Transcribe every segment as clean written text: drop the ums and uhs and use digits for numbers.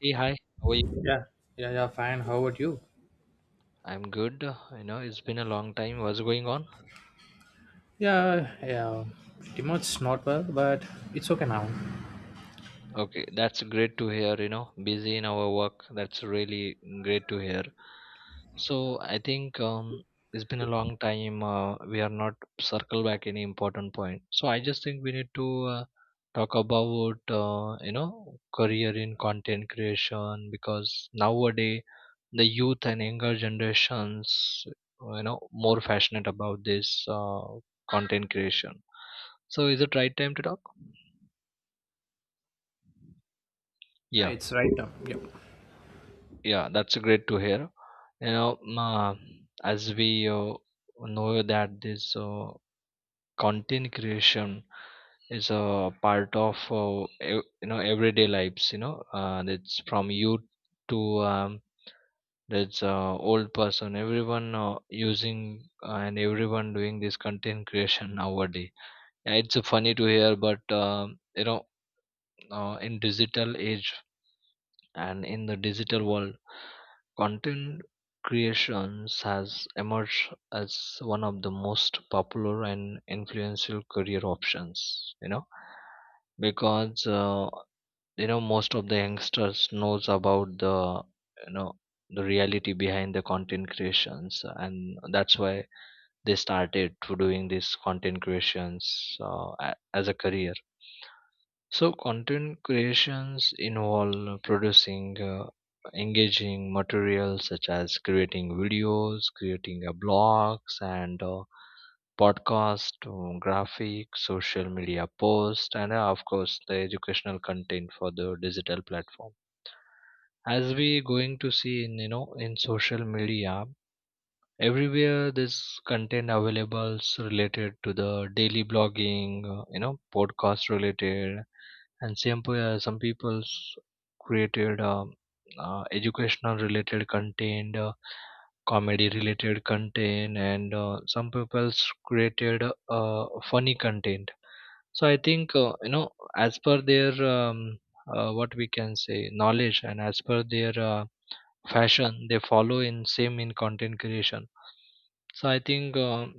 Hey, hi. How are you? Yeah, yeah, yeah, fine. How about you? I'm good. You know, it's been a long time. What's going on? Yeah, yeah, pretty much not well, but it's okay now. Okay, that's great to hear. You know, busy in our work. That's really great to hear. So I think it's been a long time. We are not circle back any important point. So I just think we need to uh, talk about you know career in content creation because nowadays the youth and younger generations you know more passionate about this uh, content creation. So is it right time to talk, Yeah, yeah? it's right now. Yeah. Yeah, that's great to hear. You know, uh, as we know that this content creation is a part of everyday lives, you know, it's from youth to um, that's old person, everyone using and everyone doing this content creation nowadays. Yeah, it's funny to hear, but you know, in digital age and in the digital world, content creations has emerged as one of the most popular and influential career options, you know, because you know most of the youngsters knows about the you know the reality behind the content creations, and that's why they started to doing this content creations as a career. So content creations involve producing engaging materials such as creating videos, creating blogs and podcast, graphics, social media posts, and of course the educational content for the digital platform. As we going to see in, you know, in social media, everywhere this content available related to the daily blogging, you know, podcast related, and some people's created educational related content, comedy related content, and some people's created uh, funny content. So I think you know, as per their um, what we can say knowledge, and as per their fashion they follow in same in content creation. So I think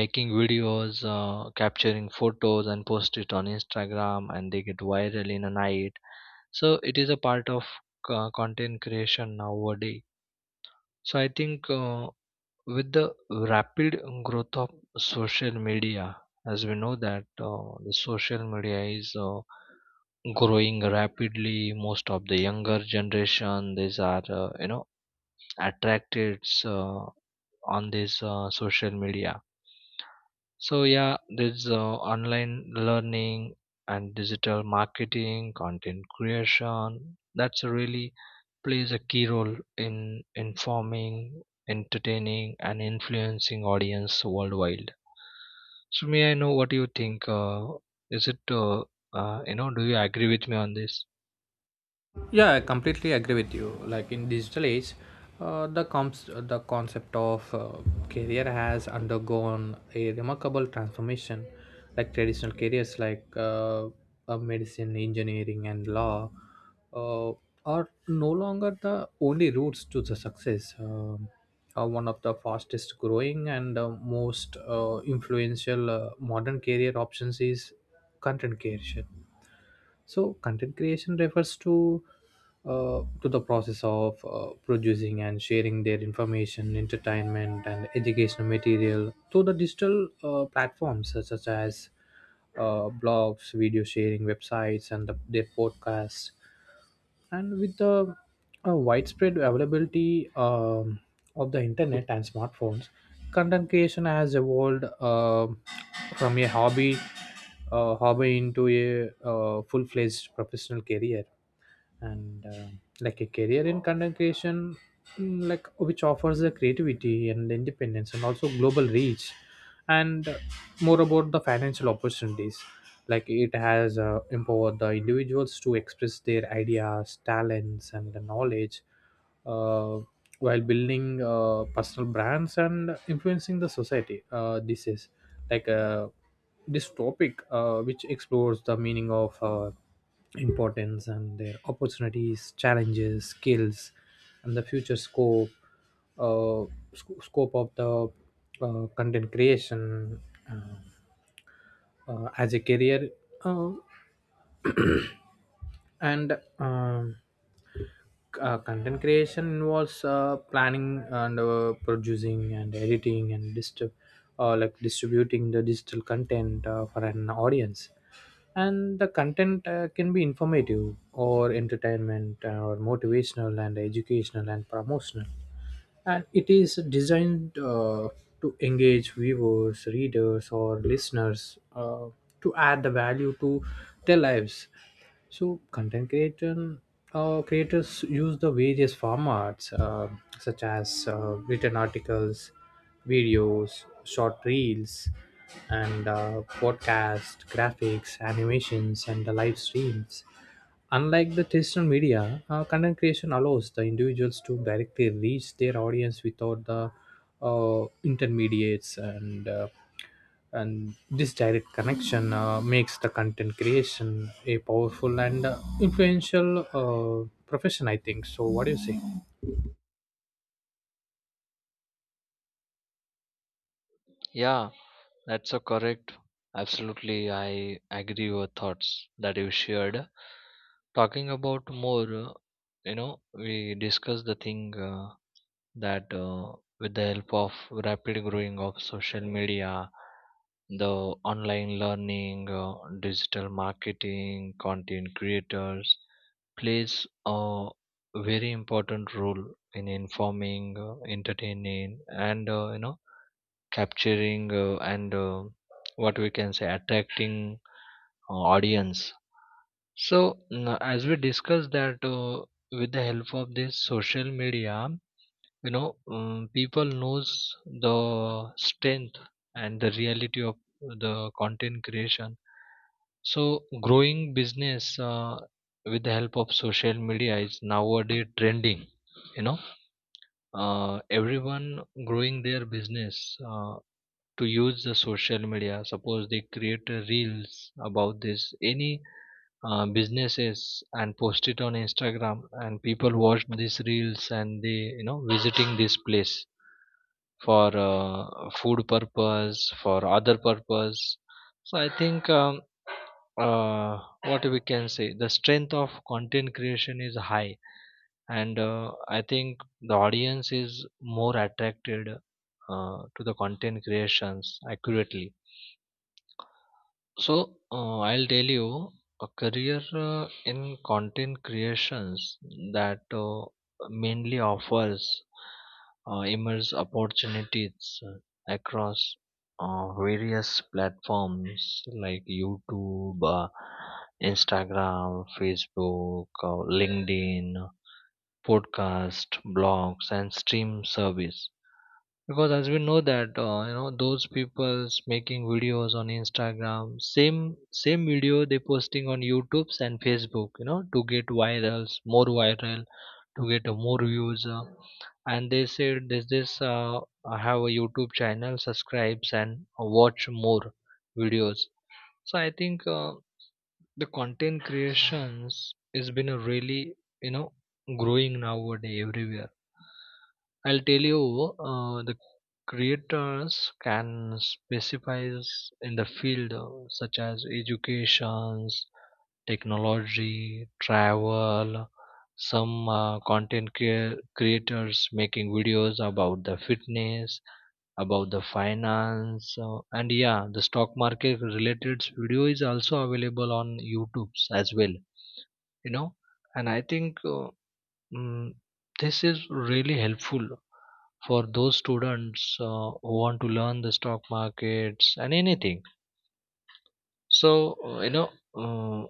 making videos, capturing photos and post it on Instagram, and they get viral in a night. So it is a part of content creation nowadays. So I think with the rapid growth of social media, as we know that the social media is growing rapidly, most of the younger generation these are you know attracted uh, on this social media. So yeah, there's online learning and digital marketing content creation that's really plays a key role in informing, entertaining, and influencing audience worldwide. So may I know what you think? Is it You know, do you agree with me on this? Yeah, I completely agree with you. Like in digital age, the comps the concept of career has undergone a remarkable transformation. Like traditional careers like medicine, engineering, and law, uh, are no longer the only routes to the success. One of the fastest growing and most influential modern career options is content creation. So content creation refers to the process of producing and sharing their information, entertainment, and educational material through the digital platforms, such as blogs, video sharing websites, and their podcasts. And with the widespread availability, of the internet and smartphones, content creation has evolved uh, from a hobby into a full-fledged professional career. And like a career in content creation, like, which offers the creativity and independence and also global reach, and more about the financial opportunities, like it has empowered the individuals to express their ideas, talents, and the knowledge, uh, while building personal brands and influencing the society. This is like uh, this topic, which explores the meaning of, importance and their opportunities, challenges, skills, and the future scope, uh, scope of the content creation as a career. Uh, and Content creation involves planning and producing and editing and distributing the digital content for an audience. And the content can be informative or entertainment, or motivational and educational and promotional. And it is designed, to engage viewers, readers, or listeners, to add the value to their lives. So content creation creators use the various formats, such as written articles, videos, short reels, and podcast, graphics, animations, and the live streams. Unlike the traditional media, content creation allows the individuals to directly reach their audience without the intermediates. And this direct connection makes the content creation a powerful and influential profession, I think. So what do you say? Yeah, that's so correct. Absolutely, I agree with your thoughts that you shared. Talking about more, you know, we discussed the thing that with the help of rapid growing of social media, the online learning, digital marketing, content creators plays a very important role in informing, entertaining, and you know capturing and what we can say attracting audience. So as we discussed that with the help of this social media, you know, people knows the strength and the reality of the content creation. So growing business with the help of social media is nowadays trending, you know. Everyone growing their business to use the social media. Suppose they create a reels about this any businesses and post it on Instagram, and people watch these reels and they, you know, visiting this place for food purpose, for other purpose. So I think uh, what we can say, the strength of content creation is high, and I think the audience is more attracted to the content creations accurately. So I'll tell you, a career in content creations that mainly offers immense opportunities across various platforms like YouTube, Instagram, Facebook, LinkedIn, podcast, blogs, and stream service. Because as we know that you know those people's making videos on Instagram, same video they posting on youtubes and facebook, you know, to get virals, more viral, to get more views and they said this I have a youtube channel, subscribes and watch more videos. So I think the content creations has been a really, you know, growing nowadays everywhere. I'll tell you, the creators can specialize in the field such as educations, technology, travel. Some creators making videos about the fitness, about the finance, and yeah, the stock market related video is also available on YouTube as well. You know, and I think mm, this is really helpful for those students who want to learn the stock markets and anything. So uh, you know uh,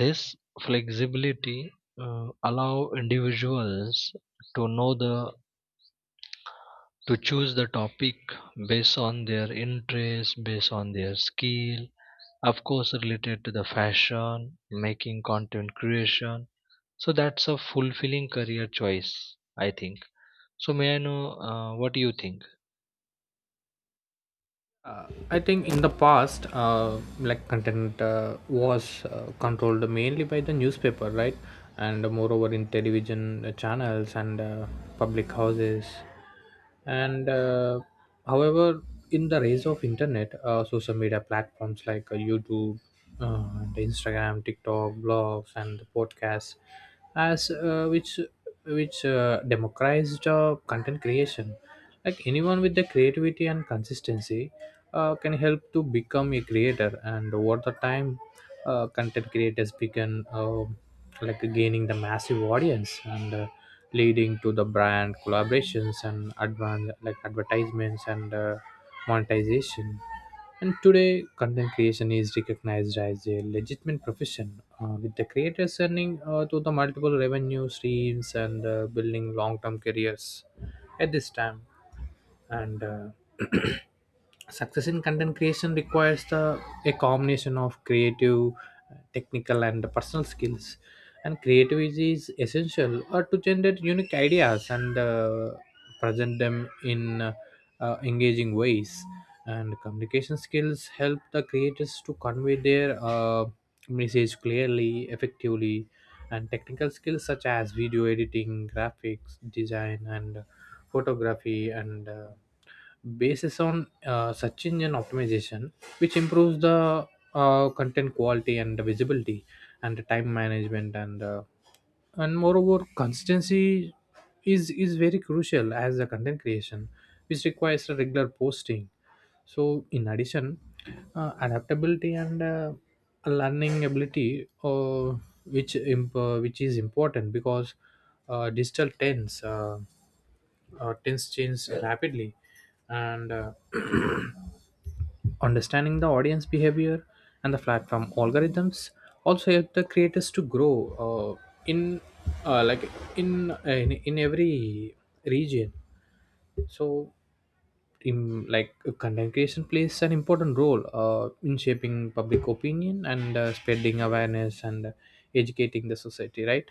this flexibility allow individuals to know the to choose the topic based on their interest, based on their skill, of course related to the fashion, making content creation. So that's a fulfilling career choice, I think. So may I know, what do you think? I think in the past, like content was controlled mainly by the newspaper, right? And moreover in television channels and, public houses. And However, in the rise of internet, social media platforms like youtube, the Instagram, TikTok, blogs, and the podcasts, as which democratized content creation. Like anyone with the creativity and consistency can help to become a creator. And over the time, content creators began, like gaining the massive audience, and leading to the brand collaborations and advertisements and monetization. And today, content creation is recognized as a legitimate profession, with the creators earning through the multiple revenue streams and building long-term careers at this time. And success in content creation requires the a combination of creative, technical, and personal skills. And creativity is essential to generate unique ideas and present them in engaging ways. And communication skills help the creators to convey their message clearly, effectively. And technical skills such as video editing, graphics design, and photography, and bases on search engine optimization, which improves the content quality and the visibility, and the time management. And moreover, consistency is very crucial as a content creation, which requires a regular posting. So in addition, adaptability and learning ability, which is important because digital trends, trends change rapidly. And understanding the audience behavior and the platform algorithms also help the creators to grow uh, in uh, like in, in every region. So in like content creation plays an important role in shaping public opinion and spreading awareness and educating the society, right?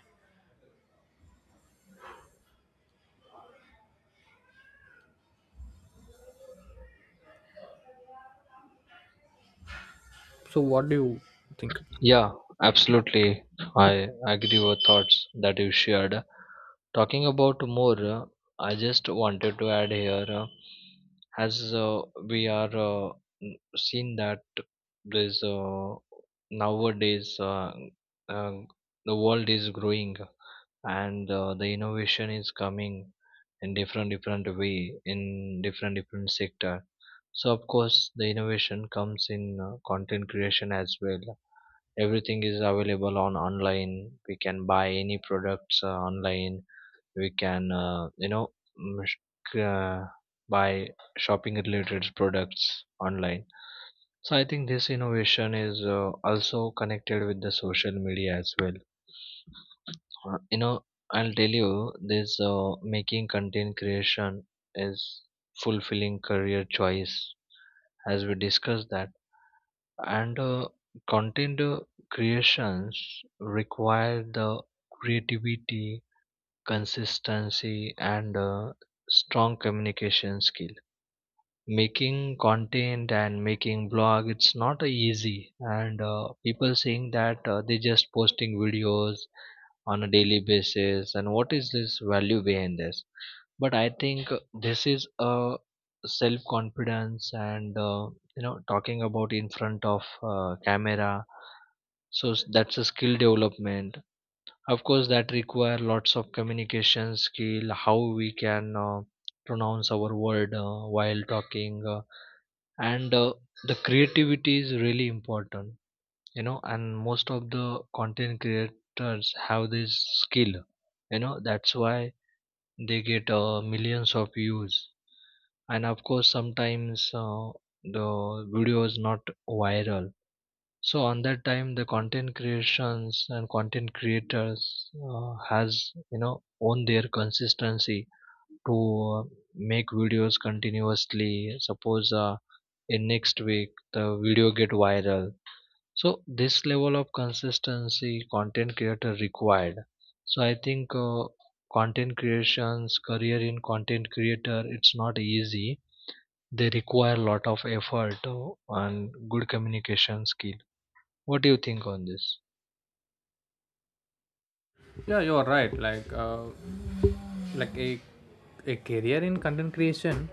So what do you think? Yeah, absolutely. I agree with thoughts that you shared. Talking about more, I just wanted to add here, as we are seen that there's nowadays uh, the world is growing, and the innovation is coming in different way, in different sector. So of course the innovation comes in content creation as well. Everything is available on online, we can buy any products online, we can you know, mm, sh- uh, buy shopping related products online. So I think this innovation is also connected with the social media as well. You know, I'll tell you, this making content creation is fulfilling career choice, as we discussed that. And content creations require the creativity, consistency, and strong communication skill. Making content and making blog, it's not easy. And people saying that they just posting videos on a daily basis. And what is this value behind this? But I think this is a self confidence and you know talking about in front of camera. So that's a skill development, of course that require lots of communication skill, how we can pronounce our word while talking and The creativity is really important, you know, and most of the content creators have this skill, you know. That's why they get millions of views. And of course sometimes the video is not viral, so on that time the content creations and content creators has, you know, on their consistency to make videos continuously. Suppose in next week the video get viral. So this level of consistency content creator required. So I think content creations, career in content creator, it's not easy. They require a lot of effort and good communication skill. What do you think on this? Yeah, you're right, like, like a, a career in content creation,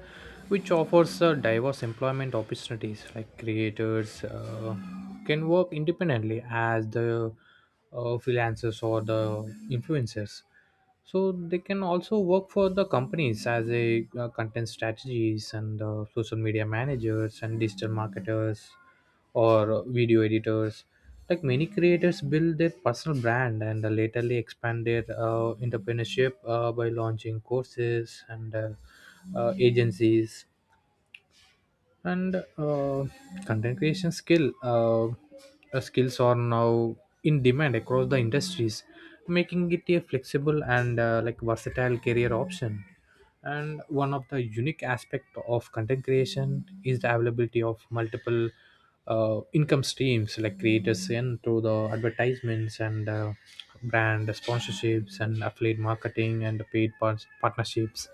which offers diverse employment opportunities, like creators can work independently as the freelancers or the influencers. So they can also work for the companies as a content strategies and social media managers and digital marketers or video editors. Like many creators build their personal brand and laterally expand their entrepreneurship by launching courses and agencies. And content creation skills are now in demand across the industries, making it a flexible and like versatile career option. And one of the unique aspect of content creation is the availability of multiple income streams, like creators in through the advertisements and brand sponsorships and affiliate marketing and partnerships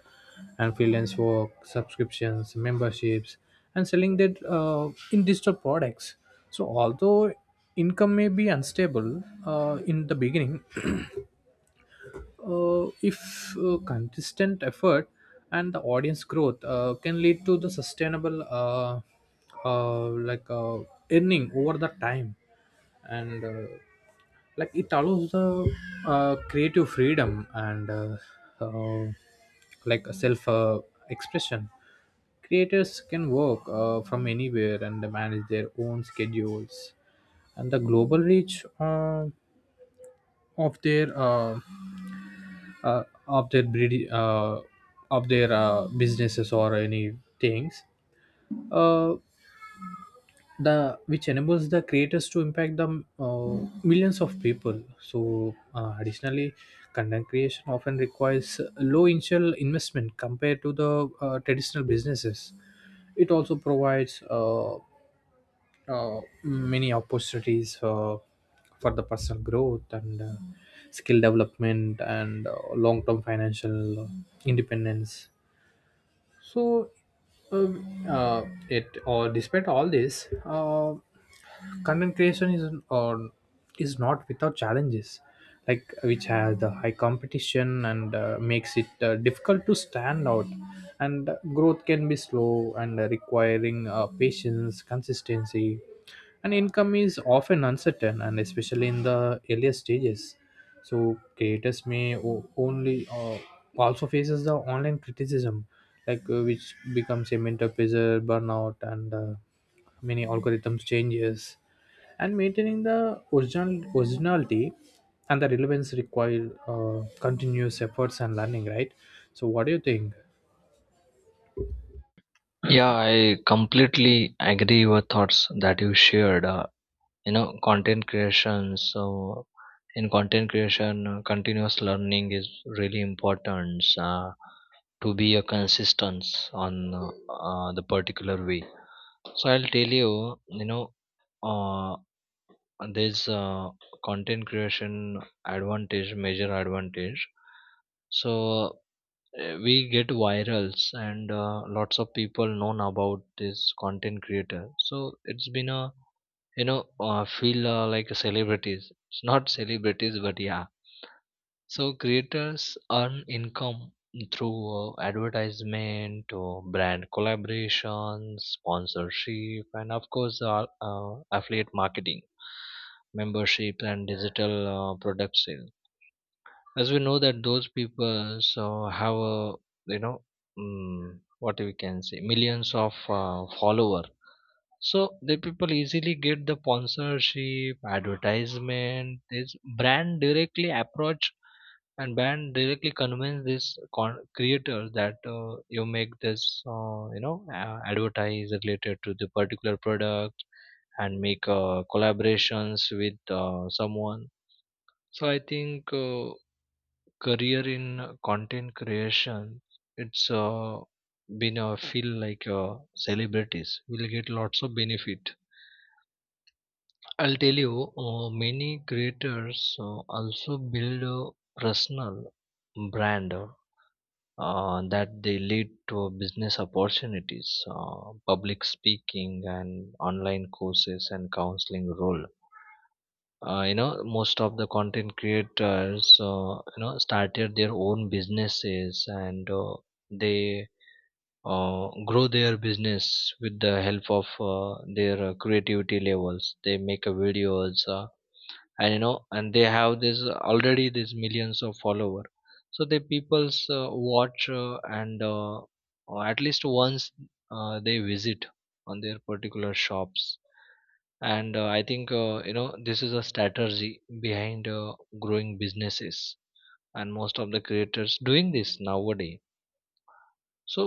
and freelance work, subscriptions, memberships, and selling that in digital products. So although income may be unstable in the beginning, if consistent effort and the audience growth can lead to the sustainable uh, like uh, earning over the time. And like it allows the creative freedom and uh, like self expression. Creators can work from anywhere and manage their own schedules, and the global reach of their uh, of their breed, of their businesses or any things, uh, the which enables the creators to impact the millions of people. So additionally, content creation often requires low initial investment compared to the traditional businesses. It also provides many opportunities for the personal growth and skill development and long-term financial independence. So uh, it or despite all this, content creation is not without challenges, like which has the high competition and makes it difficult to stand out. And growth can be slow and requiring patience, consistency. And income is often uncertain and especially in the earlier stages. So creators may only, also faces the online criticism, like which becomes a mental pressure, burnout, and many algorithms changes. And maintaining the originality and the relevance require continuous efforts and learning, right? So what do you think? Yeah, I completely agree with thoughts that you shared. You know, content creation. So in content creation, continuous learning is really important to be a consistent on the particular way. So I'll tell you, you know, uh, this content creation advantage, major advantage. So we get virals and lots of people known about this content creator, so it's been a, you know, feel like celebrities. It's not celebrities, but yeah. So creators earn income through advertisement or brand collaborations, sponsorship, and of course affiliate marketing, membership, and digital product sales. As we know that those people so have a, you know, mm what we can say millions of follower. So the people easily get the sponsorship, advertisement. This brand directly approach, and brand directly convince this creator that you make this advertise related to the particular product and make collaborations with someone. So I think career in content creation, it's been a feel like celebrities will get lots of benefit. I'll tell you, many creators also build a personal brand that they lead to business opportunities, public speaking and online courses and counseling role. You know, most of the content creators, you know, started their own businesses, and they grow their business with the help of their creativity levels. They make videos, and you know, and they have this already, these millions of follower. So the people's watch and or at least once they visit on their particular shops. And I think you know, this is a strategy behind growing businesses, and most of the creators doing this nowadays. So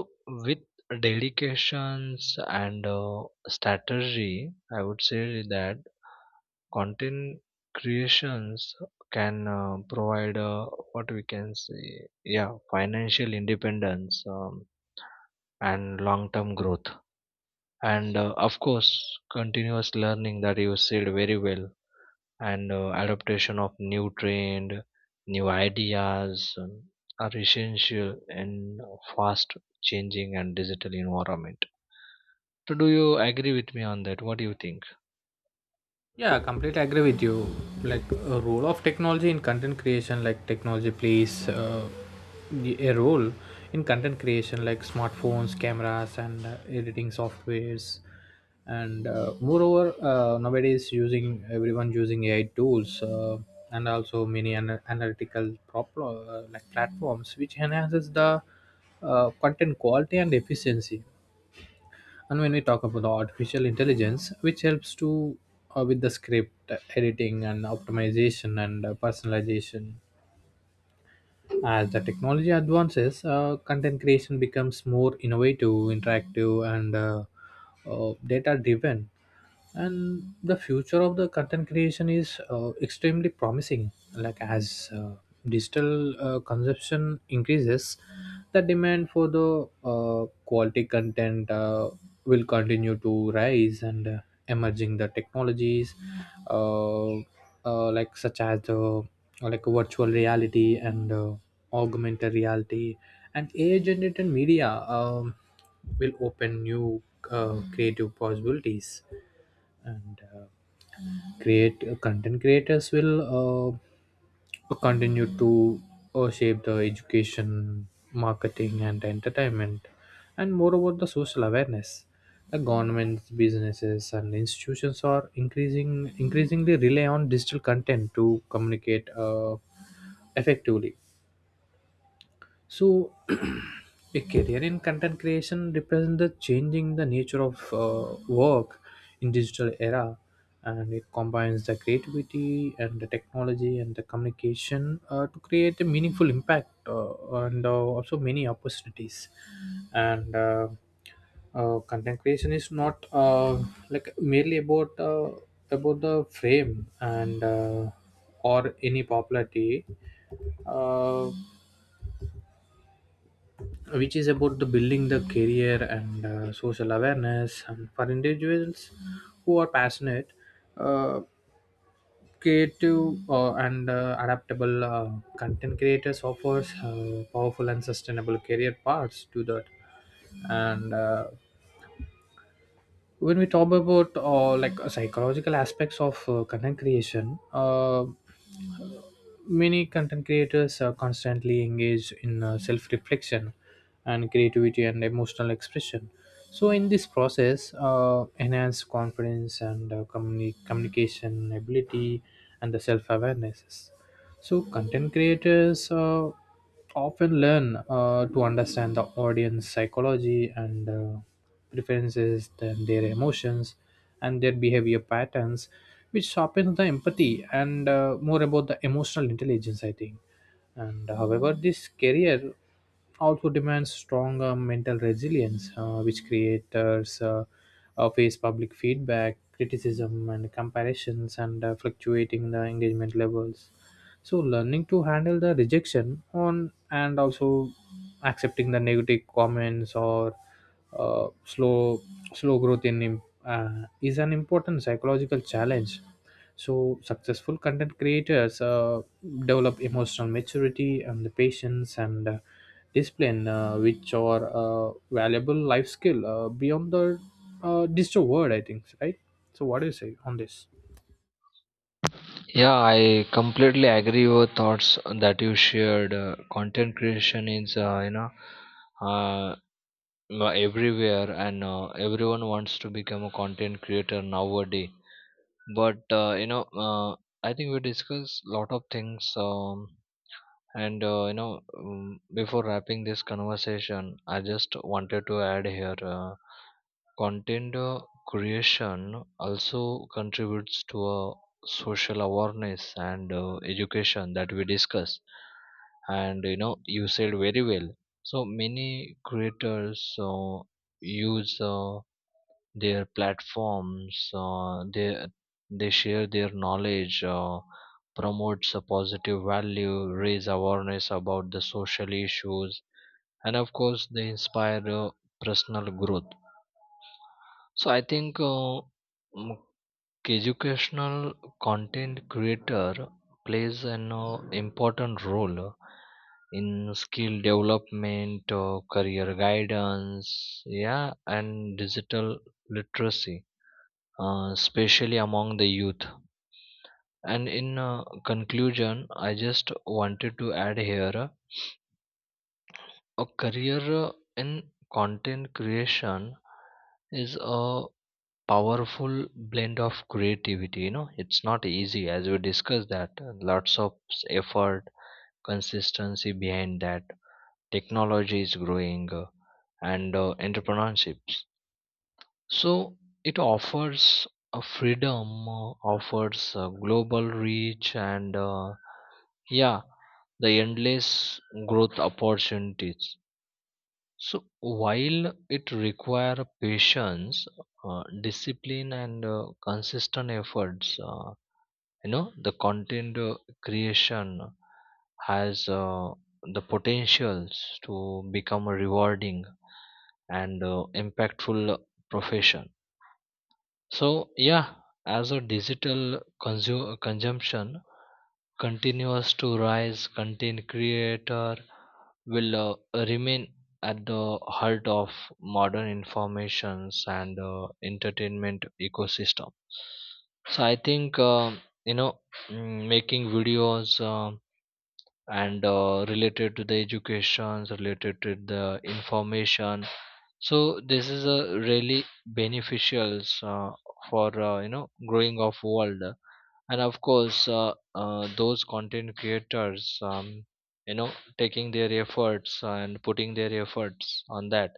with dedications and strategy, I would say that content creations can provide what we can say, yeah, financial independence, and long-term growth, and of course continuous learning, that you said very well, and adaptation of new trend, new ideas are essential in fast changing and digital environment. So do you agree with me on that? What do you think? Yeah, completely agree with you. Like a role of technology in content creation, like technology plays a role in content creation, like smartphones, cameras, and editing softwares. And moreover, nowadays, using everyone using AI tools, and also many analytical like platforms, which enhances the content quality and efficiency. And when we talk about the artificial intelligence, which helps to, with the script editing and optimization and personalization, as the technology advances, content creation becomes more innovative, interactive, and data driven. And the future of the content creation is extremely promising. Like as digital consumption increases, the demand for the quality content will continue to rise, and emerging the technologies, uh, like such as the like virtual reality and augmented reality and AI generated media, will open new creative possibilities. And Create, content creators will continue to shape the education, marketing, and entertainment, and moreover the social awareness. The governments, businesses, and institutions are increasingly rely on digital content to communicate, effectively. So, a career in content creation represents the changing the nature of work in digital era, and it combines the creativity and the technology and the communication to create a meaningful impact, and also many opportunities. And Content creation is not like merely about, about the frame and, or any popularity. Uh, which is about the building the career and social awareness, and for individuals who are passionate, uh, creative, and adaptable. Content creators offers powerful and sustainable career paths to that. And when we talk about psychological aspects of content creation, many content creators are constantly engaged in self-reflection and creativity and emotional expression. So in this process, enhanced confidence and communication ability and the self awarenesses. So content creators often learn to understand the audience psychology and preferences, then their emotions and their behavior patterns, which sharpens the empathy and more about the emotional intelligence, I think. And however, this career also demands strong mental resilience, which creators face public feedback, criticism, and comparisons, and fluctuating the engagement levels. So learning to handle the rejection on and also accepting the negative comments or uh, slow slow growth is an important psychological challenge. So successful content creators develop emotional maturity and the patience and discipline, which are valuable life skill beyond the digital world, I think, right? So what do you say on this? Yeah, I completely agree with thoughts that you shared. Content creation is, uh, everywhere, and everyone wants to become a content creator nowadays. But I think we discussed lot of things. And You know, before wrapping this conversation, I just wanted to add here, content creation also contributes to a social awareness and education that we discuss. And you know, you said very well. So many creators use their platforms, they share their knowledge, promotes a positive value, raise awareness about the social issues, and of course they inspire personal growth. So I think mm, educational content creator plays an important role in skill development, career guidance, yeah, and digital literacy, especially among the youth. And in conclusion, I just wanted to add here, a career in content creation is a powerful blend of creativity. You know, it's not easy, as we discussed that lots of effort, consistency behind that. Technology is growing and entrepreneurship. So it offers a freedom, offers a global reach, and yeah, the endless growth opportunities. So while it require patience, discipline, and consistent efforts, you know, the content creation has the potentials to become a rewarding and impactful profession. So yeah, as a digital consumption continues to rise, content creator will remain at the heart of modern informations and entertainment ecosystem. So I think you know, making videos and related to the educations, related to the information, so this is a really beneficial for you know growing of world, and of course those content creators, you know, taking their efforts and putting their efforts on that,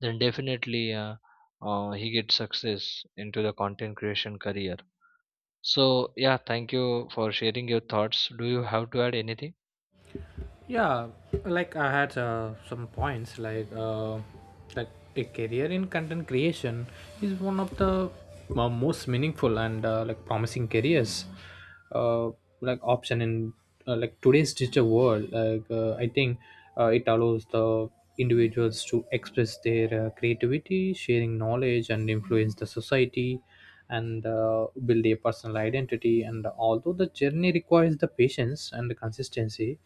then definitely he gets success into the content creation career. So yeah, thank you for sharing your thoughts. Do you have to add anything? Yeah, like I had some points, that a career in content creation is one of the most meaningful and like promising careers uh, like option in like today's digital world. Like I think it allows the individuals to express their creativity, sharing knowledge, and influence the society, and build a personal identity. And although the journey requires the patience and the consistency,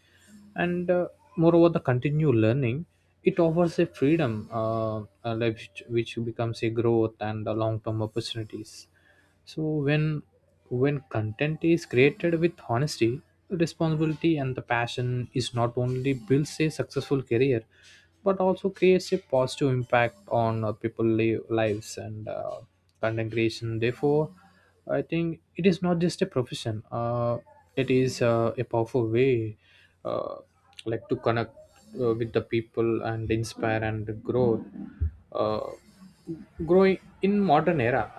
and moreover the continued learning, it offers a freedom, uh, a life which becomes a growth and a long-term opportunities. So when when content is created with honesty, responsibility, and the passion, is not only builds a successful career but also creates a positive impact on people lives. And content creation therefore, I think, it is not just a profession. It is a powerful way, uh, like to connect with the people and inspire and grow. Uh, Growing in modern era.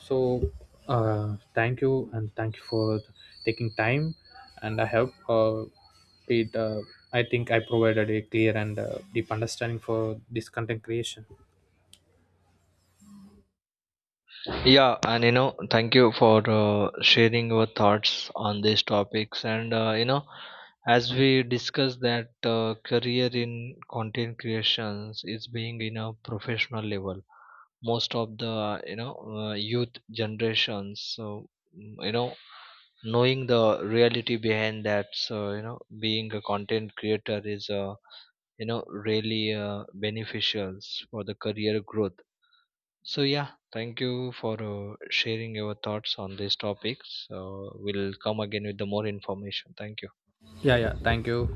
So, thank you, and thank you for taking time. And I hope it. I think I provided a clear and deep understanding for this content creation. Yeah, and you know, thank you for sharing your thoughts on these topics. And you know, as we discussed that career in content creations is being in a professional level. Most of the, you know, youth generations, so you know, knowing the reality behind that, so you know, being a content creator is you know really beneficial for the career growth. So yeah, thank you for sharing your thoughts on this topic. So we'll come again with the more information. Thank you. Yeah, yeah. Thank you.